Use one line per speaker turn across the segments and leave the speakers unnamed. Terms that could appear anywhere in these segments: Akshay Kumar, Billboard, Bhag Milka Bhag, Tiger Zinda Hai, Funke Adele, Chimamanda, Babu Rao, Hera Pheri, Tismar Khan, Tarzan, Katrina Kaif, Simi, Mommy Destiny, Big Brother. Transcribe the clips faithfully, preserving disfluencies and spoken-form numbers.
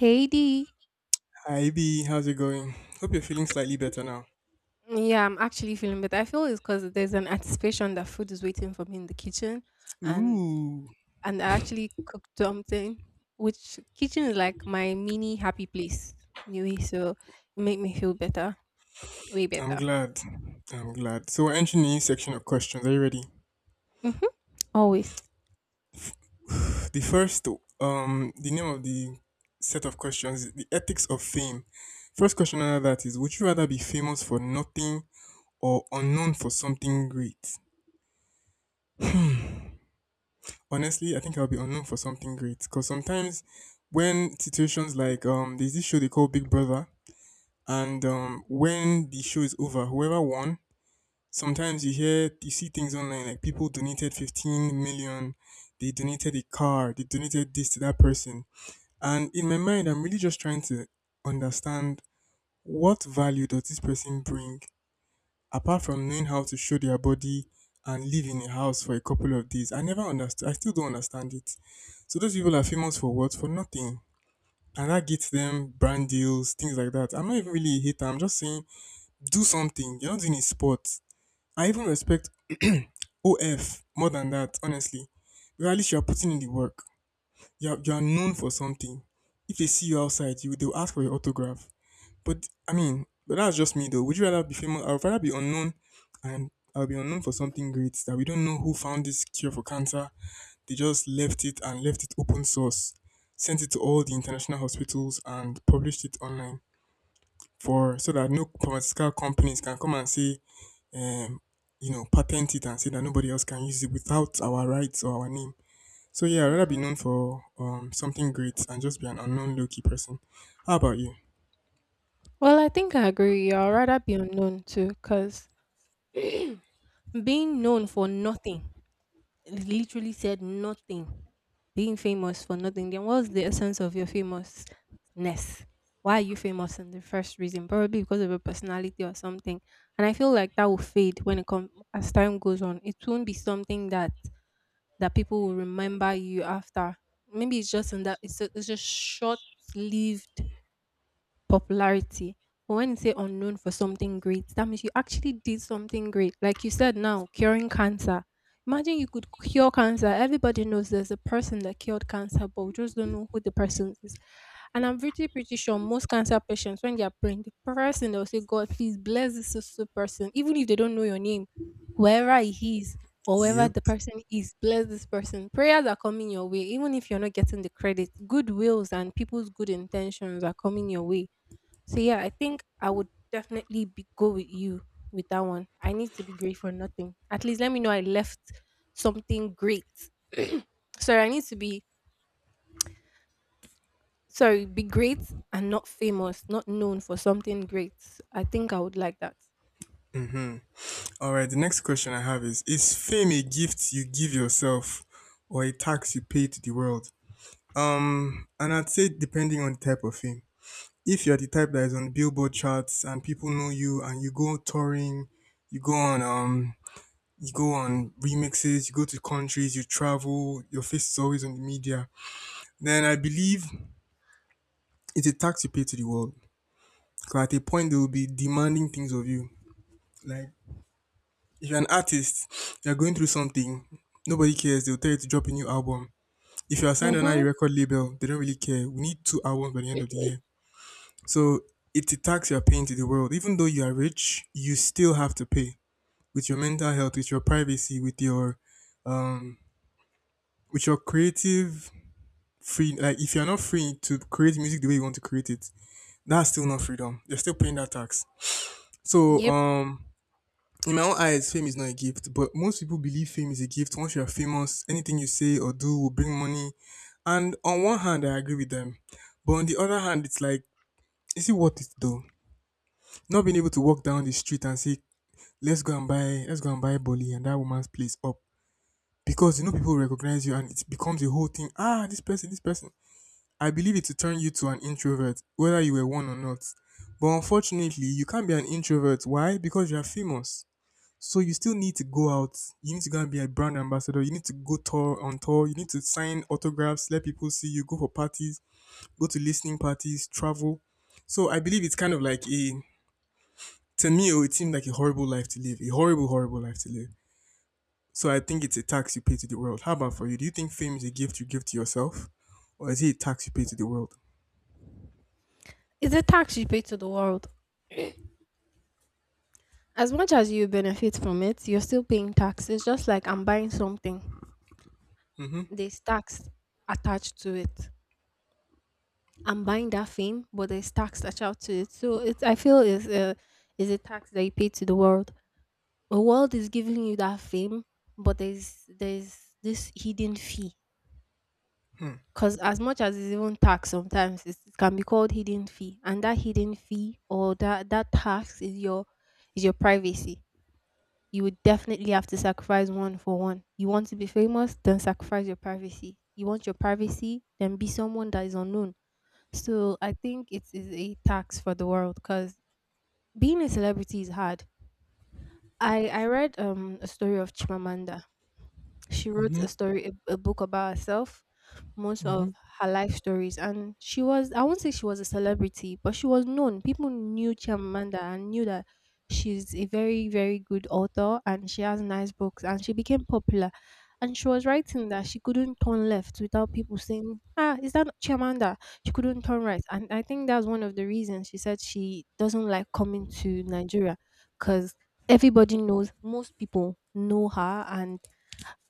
Heidi.
Hi B, how's it going? Hope you're feeling slightly better now.
Yeah, I'm actually feeling better. I feel it's because there's an anticipation that food is waiting for me in the kitchen, and
Ooh,
and I actually cooked something, which kitchen is like my mini happy place anyway. So it made me feel better, way
I'm
better.
glad. I'm glad. So we're entering the new section of questions. Are you ready?
Mm-hmm. Always.
The first, um, the name of the set of questions is the ethics of fame. First question under that is: Would you rather be famous for nothing or unknown for something great? Honestly, I think I'll be unknown for something great because sometimes when situations like um, there's this show they call Big Brother, and um, when the show is over, whoever won sometimes you hear, you see things online like people donated fifteen million, they donated a car, they donated this to that person. And in my mind, I'm really just trying to understand what value does this person bring apart from knowing how to show their body and live in a house for a couple of days. I never understood, I still don't understand it. So those people are famous for what? For nothing. And that gets them brand deals, things like that. I'm not even really a hater. I'm just saying, do something. You're not doing a sport. I even respect O F, more than that, honestly. Because at least you are putting in the work. You are, you are known for something. If they see you outside, you they'll ask for your autograph. But I mean, but that's just me though. Would you rather be famous? I'd rather be unknown, and I'll be unknown for something great that we don't know who found this cure for cancer. They just left it and left it open source, sent it to all the international hospitals and published it online for so that no pharmaceutical companies can come and say um, you know, patent it and say that nobody else can use it without our rights or our name. So yeah, I'd rather be
Mm-hmm.
known for um something great and just be an unknown low key person. How about you?
Well, I think I agree. I'd rather be unknown too, because being known for nothing literally said nothing. Being famous for nothing, then what's the essence of your famousness? Why are you famous in the first reason? Probably because of your personality or something. And I feel like that will fade when it comes as time goes on. It won't be something that that people will remember you after. Maybe it's just in that it's, a, it's just short lived popularity. But when you say unknown for something great, that means you actually did something great. Like you said now, curing cancer. Imagine you could cure cancer. Everybody knows there's a person that cured cancer, but we just don't know who the person is. And I'm pretty pretty sure most cancer patients, when they are praying, the person they'll say, God, please bless this so so person, even if they don't know your name, whoever he is or whoever
Yep.
the person is, bless this person. Prayers are coming your way, even if you're not getting the credit. Good wills and people's good intentions are coming your way, so yeah, I think I would definitely be go with you with that one. I need to be great for nothing. At least let me know I left something great. Sorry, I need to be sorry, be great and not famous, not known for something great. I think I would like that.
All right. The next question I have is: Is fame a gift you give yourself, or a tax you pay to the world? Um, and I'd say depending on the type of fame. If you're the type that is on the Billboard charts and people know you and you go touring, you go on um you go on remixes, you go to countries, you travel, your face is always on the media. Then I believe it's a tax you pay to the world. Because at a point, they will be demanding things of you. Like, if you're an artist, you're going through something, nobody cares, they'll tell you to drop a new album. If you're signed on a
Mm-hmm.
record label, they don't really care. We need two albums by the end of the year. So it's a tax you're paying to the world. Even though you are rich, you still have to pay with your mental health, with your privacy, with your um, with your creative free like if you're not free to create music the way you want to create it, that's still not freedom. You're still paying that tax. So
Yep.
um in my own eyes, fame is not a gift, but most people believe fame is a gift. Once you're famous, anything you say or do will bring money. And on one hand, I agree with them, but on the other hand, it's like, is it worth it though? Not being able to walk down the street and say, let's go and buy, let's go and buy Bolly and that woman's place up because you know people recognize you and it becomes a whole thing. Ah, this person, this person. I believe it will turn you to an introvert, whether you were one or not. But unfortunately, you can't be an introvert. Why? Because you are famous. So you still need to go out. You need to go and be a brand ambassador. You need to go tour on tour. You need to sign autographs, let people see you, go for parties, go to listening parties, travel. So I believe it's kind of like a to me oh, it seemed like a horrible life to live. A horrible, horrible life to live. So I think it's a tax you pay to the world. How about for you? Do you think fame is a gift you give to yourself? Or is it a tax you pay to the world?
It's a tax you pay to the world. As much as you benefit from it, you're still paying taxes. Just like I'm buying something.
Mm-hmm.
There's tax attached to it. I'm buying that fame, but there's tax attached to it. So it, I feel is a is a tax that you pay to the world. The world is giving you that fame, but there's there's this hidden fee. Because as much as it's even tax, sometimes it's, it can be called hidden fee, and that hidden fee or that that tax is your is your privacy. You would definitely have to sacrifice one for one. You want to be famous, then sacrifice your privacy. You want your privacy, then be someone that is unknown. So I think it is a tax for the world because being a celebrity is hard. I I read um a story of Chimamanda. She wrote
Mm-hmm.
a story, a, a book about herself, most of
Mm-hmm.
her life stories, and she was I won't say she was a celebrity, but she was known. People knew Chimamanda and knew that she's a very very good author and she has nice books and she became popular. And she was writing that she couldn't turn left without people saying, "Ah, is that Chimamanda?" She couldn't turn right, and I think that's one of the reasons she said she doesn't like coming to Nigeria because everybody knows, most people know her, and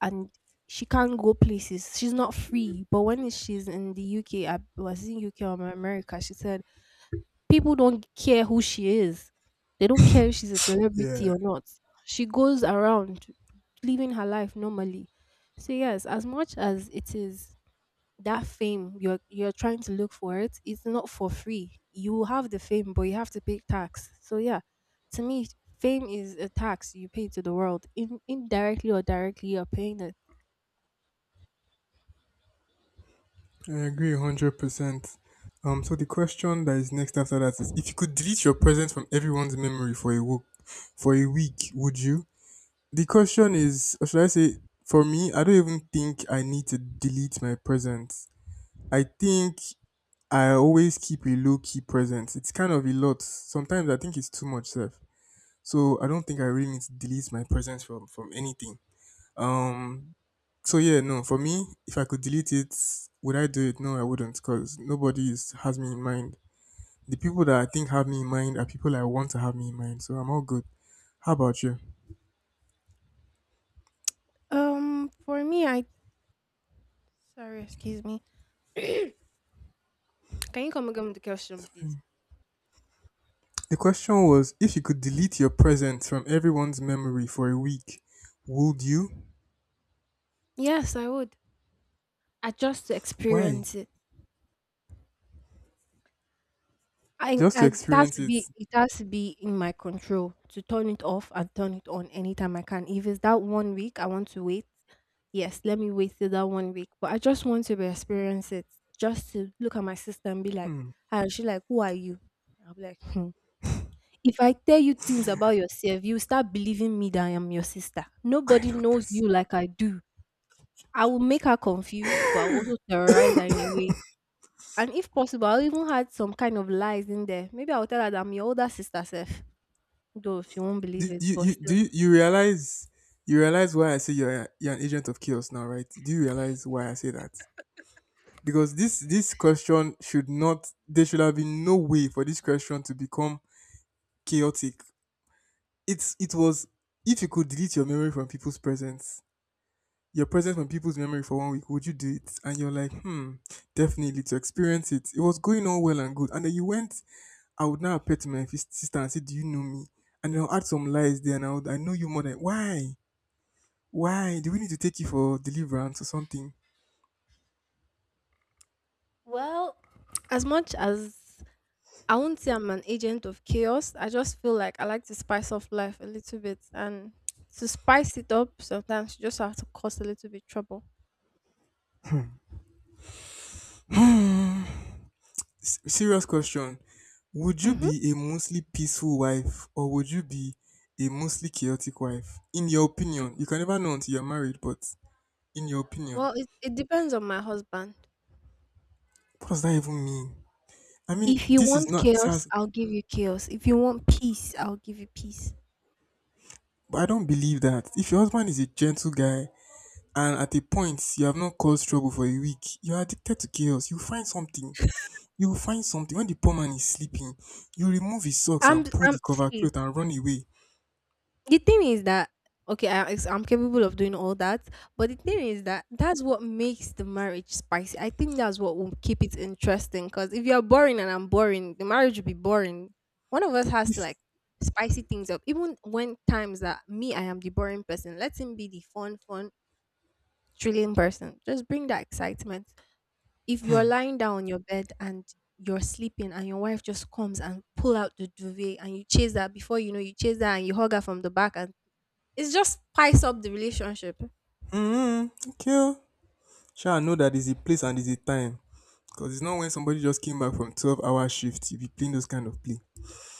and she can't go places, she's not free. But when she's in the UK, I was in uk or America, she said people don't care who she is, they don't care if she's a celebrity
Yeah,
or not. She goes around living her life normally. So yes, as much as it is that fame you're you're trying to look for, it it's not for free. You will have the fame, but you have to pay tax. So yeah, to me, fame is a tax you pay to the world. In indirectly or directly, you're paying it.
I agree one hundred percent. Um, so the question that is next after that is if you could delete your present from everyone's memory for a week, for a week, would you? The question is, or should I say, for me, I don't even think I need to delete my present. I think I always keep a low key present. It's kind of a lot. Sometimes I think it's too much self. So I don't think I really need to delete my present from from anything. Um, So yeah, no, for me, if I could delete it, would I do it? No, I wouldn't, because nobody is, has me in mind. The people that I think have me in mind are people I want to have me in mind, so I'm all good. How about you?
Um for me I sorry, excuse me, can you come again with the question please?
The question was if you could delete your present from everyone's memory for a week, would you?
Yes, I would. I just to
Why?
experience it. I
Just to
I it has
experience
to
it.
be, it has to be in my control to turn it off and turn it on anytime I can. If it's that one week I want to wait, yes, let me wait till that one week. But I just want to be experience it, just to look at my sister and be like, and she like, who are you? I'll be like, hmm. If I tell you things about yourself, you start believing me that I am your sister. Nobody
Kind of
knows
person.
you like I do. I will make her confused, but I'll also terrorize her in a way. And if possible, I'll even add some kind of lies in there. Maybe I'll tell her that I'm your older sister Seth. Though she won't
Do
believe it,
you,
but
you do
still.
you, you realize you realize why I say you're a- you're an agent of chaos now, right? Do you realize why I say that? Because this this question should not there should have been no way for this question to become chaotic. It's it was If you could delete your memory from people's presence, your presence from people's memory for one week, would you do it? And you're like, hmm, definitely to experience it. It was going on well and good. And then you went, I would now appeal to my fis- sister and say, do you know me? And then I'll add some lies there and I would I know you more than why? Why? Do we need to take you for deliverance or something?
Well, as much as I won't say I'm an agent of chaos, I just feel like I like to spice up life a little bit. And to spice it up, sometimes you just have to cause a little bit trouble.
S- serious question. Would you
Mm-hmm.
be a mostly peaceful wife or would you be a mostly chaotic wife? In your opinion, you can never know until you're married, but in your opinion,
Well, it, it depends on my husband.
what does that even mean? I mean,
If you
this is
want
not, this
chaos,
has,
I'll give you chaos. If you want peace, I'll give you peace.
but I don't believe that. If your husband is a gentle guy and at a point you have not caused trouble for a week, you're addicted to chaos. You find something. You will find something. When the poor man is sleeping, you remove his socks
I'm
and pull
I'm
the cover
see,
cloth and run away.
the thing is that okay I, it's- I'm capable of doing all that, but the thing is that that's what makes the marriage spicy. I think that's what will keep it interesting, because if you're boring and I'm boring, the marriage will be boring. One of us has to
If,
like spicy things up. Even when times that me I am the boring person, let him be the fun fun thrilling person, just bring that excitement. If you're lying down on your bed and you're sleeping and your wife just comes and pull out the duvet and you chase that before you know you chase that and you hug her from the back, and it just spice up the relationship.
mm, okay, oh, Sure, I know that there's a place and there's a time. Because it's not when somebody just came back from twelve hour shift, you be playing those kind of play.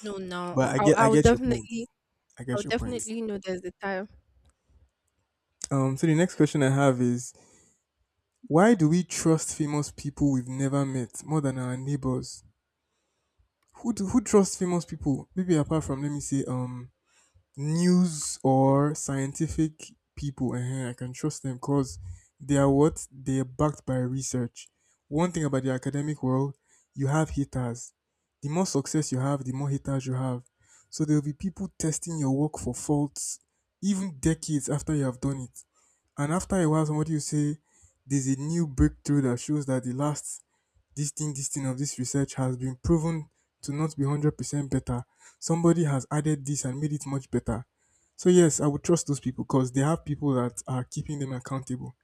No, no,
But I
I'll,
get I
I'll
get your point.
definitely,
I
I'll
get your point.
definitely know there's a time.
Um, so the next question I have is why do we trust famous people we've never met more than our neighbors? Who do, who trusts famous people? Maybe apart from let me say um news or scientific people, uh I can trust them because they are what they are backed by research. One thing about the academic world, you have haters. The more success you have, the more haters you have. So there will be people testing your work for faults, even decades after you have done it. And after a while, somebody will say, "There's a new breakthrough that shows that the last this thing, this thing of this research has been proven to not be one hundred percent better. Somebody has added this and made it much better. So, yes, I would trust those people because they have people that are keeping them accountable.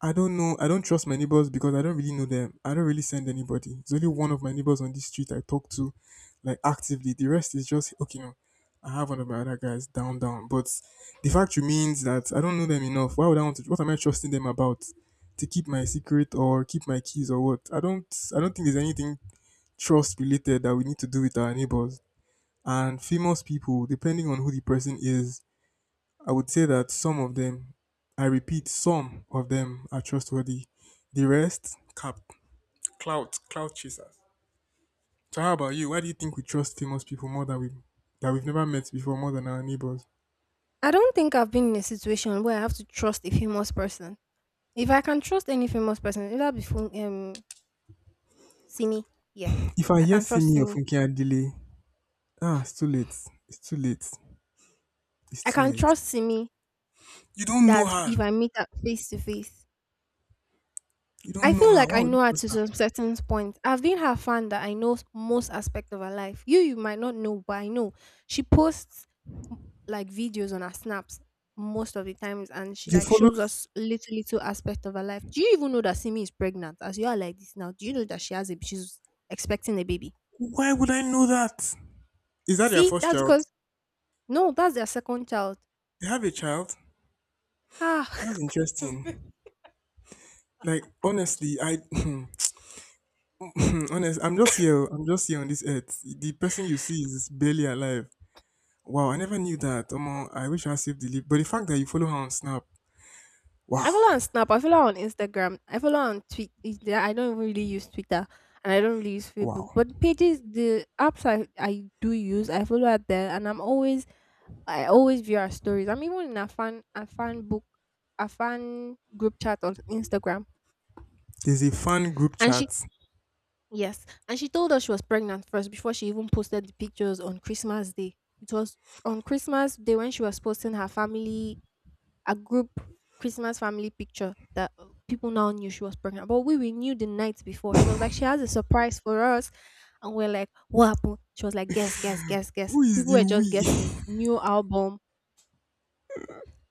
I don't know. I don't trust my neighbors because I don't really know them. I don't really send anybody. There's only one of my neighbors on this street I talk to, like actively. The rest is just okay. No, I have one of my other guys down, down. But the fact remains that I don't know them enough. Why would I want to? What am I trusting them about? To keep my secret or keep my keys or what? I don't. I don't think there's anything trust related that we need to do with our neighbors and famous people. Depending on who the person is, I would say that some of them, I repeat, some of them are trustworthy. The rest, cap, clout, clout chasers. So how about you? Why do you think we trust famous people more than we that we've never met before, more than our neighbors?
I don't think I've been in a situation where I have to trust a famous person. If I can trust any famous person, it'll be fun, um Simi. Yeah,
If I
I
hear
can trust
Simi or
Simi.
Funke Adele, ah, it's too late. It's too late. It's
I
too
can
late.
trust Simi.
You don't know
That's
her.
if I meet her face to face.
You
I
don't know
feel
her.
like
Why
I
would you
know her
trust
to
her?
some certain point. I've been her fan that I know most aspect of her life. You, you might not know, but I know she posts m- like videos on her snaps most of the times, and she
You
like
follow.
shows us little little aspect of her life. Do you even know that Simi is pregnant? As you are like this now, do you know that she has a she's expecting a baby?
Why would I know that? Is that their
See,
first
that's
child?
because no, that's their second child.
They have a child.
Ha.
That's interesting. Like honestly, I Honest, I'm just here. I'm just here on this earth. The person you see is barely alive. Wow, I never knew that. Omo, I wish I saved the leap. But the fact that you follow her on Snap,
I
wow,
follow on Snap. I follow on Instagram. I follow her on Twitter. I don't even really use Twitter, and I don't really use Facebook.
wow.
But pages, the apps I I do use, I follow her there, and I'm always I always view her stories. I'm even in a fan a fan book a fan group chat on Instagram,
There's a fan group
and she
chat.
yes, and she told us she was pregnant first before she even posted the pictures on Christmas Day. It was on Christmas Day when she was posting her family a group Christmas family picture that uh, people now knew she was pregnant. But we, we knew the night before. She was like, she has a surprise for us. And we're like, what happened? She was like, guess, guess, guess, guess.
Who is
People
the
were just guessing.
we?
New album.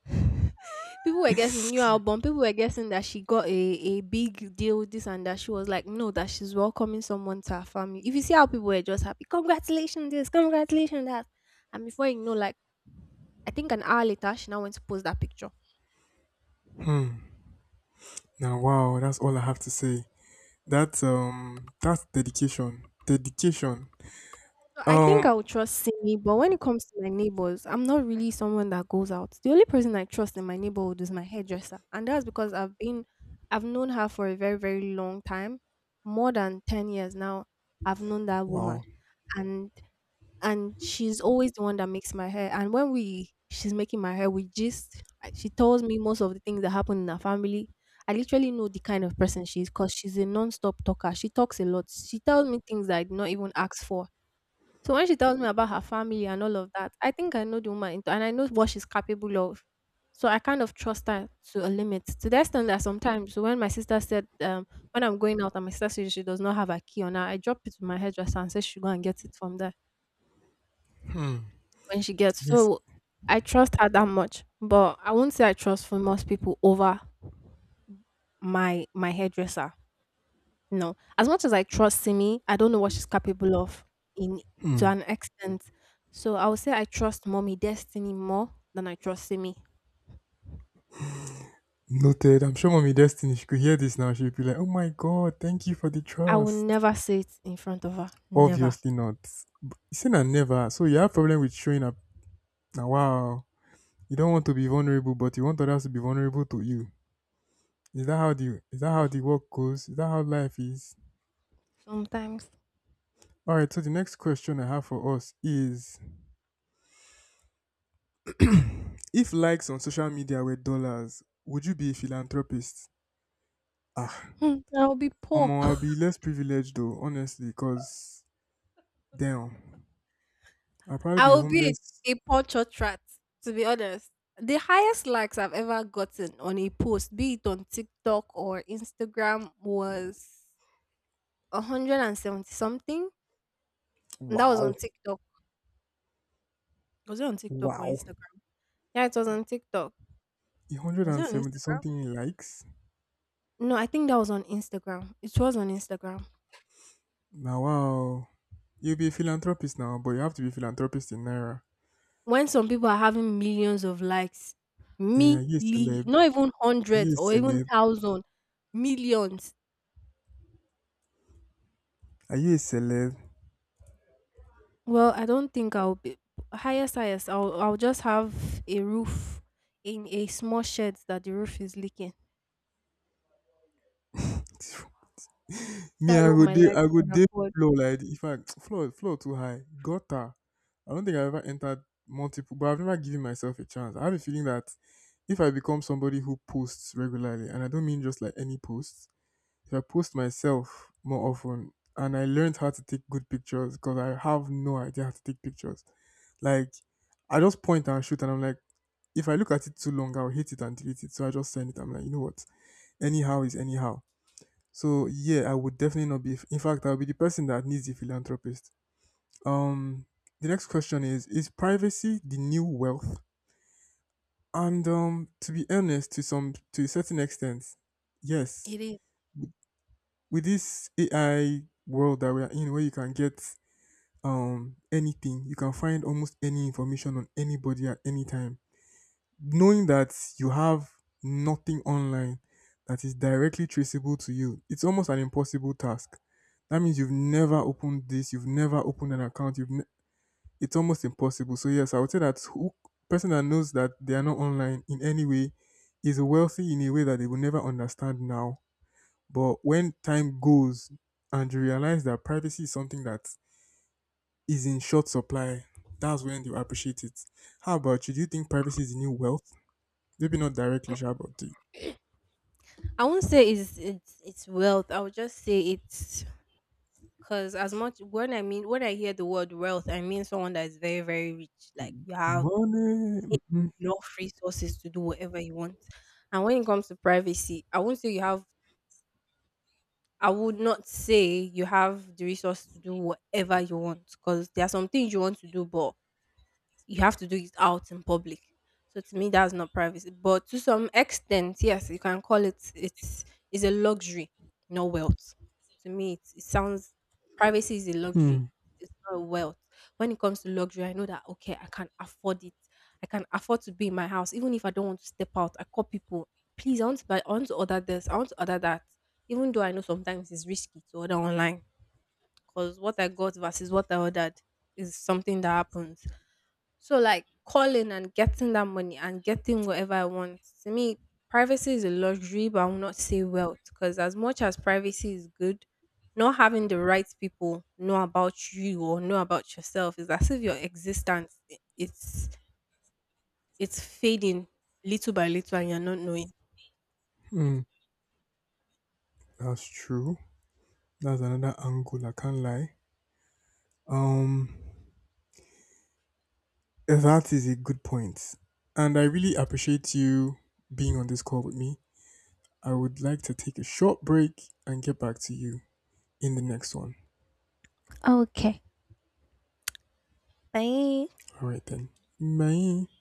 People were guessing new album. People were guessing that she got a, a big deal, with this and that. She was like, no, that she's welcoming someone to her family. If you see how people were just happy, congratulations, this, congratulations, that. And before you know, like, I think an hour later, she now went to post that picture.
Now, wow, that's all I have to say. That's um, that's dedication. Dedication.
So I think
Um,
I would trust Simi, but when it comes to my neighbors, I'm not really someone that goes out. The only person I trust in my neighborhood is my hairdresser, and that's because I've been, I've known her for a very, very long time, more than ten years now. I've known that woman,
wow.
and and she's always the one that makes my hair. And when we, she's making my hair, we just, she tells me most of the things that happen in her family. I literally know the kind of person she is because she's a non-stop talker. She talks a lot. She tells me things that I did not even ask for. So when she tells me about her family and all of that, I think I know the woman into- and I know what she's capable of. So I kind of trust her to a limit. To the extent that sometimes when my sister said, um, when I'm going out and my sister says she does not have a key on her, I drop it to my hairdresser and say she go and get it from there when she gets.
Yes,
So I trust her that much. But I won't say I trust for most people over my my hairdresser. No. As much as I trust Simi, I don't know what she's capable of in to an extent. So I would say I trust mommy destiny more than I trust Simi.
noted. I'm sure Mommy Destiny she could hear this now. She'd be like, "Oh my God, thank you for the
I will
trust."
never say it in front of her. Never.
Obviously not. Sin and never. So you have problem with showing. Now, wow, you don't want to be vulnerable, but you want others to be vulnerable to you. Is that how the is that how the work goes? Is that how life is?
Sometimes
All right. So the next question I have for us is: if likes on social media were dollars, would you be a philanthropist? Ah,
hmm, I will be poor.
Omo, I'll be less privileged though, honestly, cause damn, I'll probably
I
be
will be
homeless.
a, a poor church rat, to be honest. The highest likes I've ever gotten on a post, be it on TikTok or Instagram, was one seventy something. And that was on
Wow,
TikTok. Was it on TikTok or
wow,
Instagram? Yeah, it was on TikTok.
a hundred
Was it
and
on
seventy
Instagram?
something likes.
No, I think that was on Instagram. It was on Instagram.
Now, wow, you'll be a philanthropist now, but you have to be a philanthropist in naira.
When some people are having millions of likes,
Yeah, yes,
milli,
are
not even
you
hundreds
a
or even
celeb?
thousand, millions.
Are you a celeb?
Well, I don't think I'll be highest, highest. I'll I'll just have a roof in a small shed that the roof is leaking.
Me,
That's
I
what
go
my
dey,
likes
I go
can
dey
afford.
floor like the- in fact, floor, floor too high. Gutter. I don't think I've ever entered multiple, but I've never given myself a chance. I have a feeling that if I become somebody who posts regularly, and I don't mean just like any posts, if I post myself more often, and I learned how to take good pictures because I have no idea how to take pictures. Like, I just point and shoot, and I'm like, if I look at it too long, I'll hate it and delete it. So I just send it. I'm like, you know what? Anyhow is anyhow. So yeah, I would definitely not be. In fact, I'll be the person that needs the philanthropist. Um, the next question is: is privacy the new wealth? And um, to be honest, to some to a certain extent, yes.
It is.
With this A I world that we are in, where you can get um anything, you can find almost any information on anybody at any time. Knowing that you have nothing online that is directly traceable to you, it's almost an impossible task. That means you've never opened this, you've never opened an account. You've ne- it's almost impossible. So yes, I would say that who, person that knows that they are not online in any way is wealthy in a way that they will never understand now. But when time goes and you realize that privacy is something that is in short supply, that's when you appreciate it. How about you? Do you think privacy is the new wealth? Maybe not directly, sure, but the
I won't say it's it's it's wealth. I would just say it's cause as much when I mean when I hear the word wealth, I mean someone that is very, very rich. Like you have
money. Mhm,
enough resources to do whatever you want. And when it comes to privacy, I won't say you have I would not say you have the resource to do whatever you want. Because there are some things you want to do, but you have to do it out in public. So to me, that's not privacy. But to some extent, yes, you can call it it's is a luxury, not wealth. To me, it, it sounds privacy is a luxury.
hmm,
It's not wealth. When it comes to luxury, I know that okay, I can afford it. I can afford to be in my house, even if I don't want to step out. I call people, please, I want to buy, I want to order this, I want to order that. Even though I know sometimes it's risky to order online, because what I got versus what I ordered is something that happens. So like calling and getting that money and getting whatever I want. To me, privacy is a luxury, but I will not say wealth. Because as much as privacy is good, not having the right people know about you or know about yourself is as if your existence i- it's it's fading little by little and you're not knowing.
hmm. That's true. That's another angle. I can't lie. Um, that is a good point, and I really appreciate you being on this call with me. I would like to take a short break and get back to you in the next one. All right then. Bye.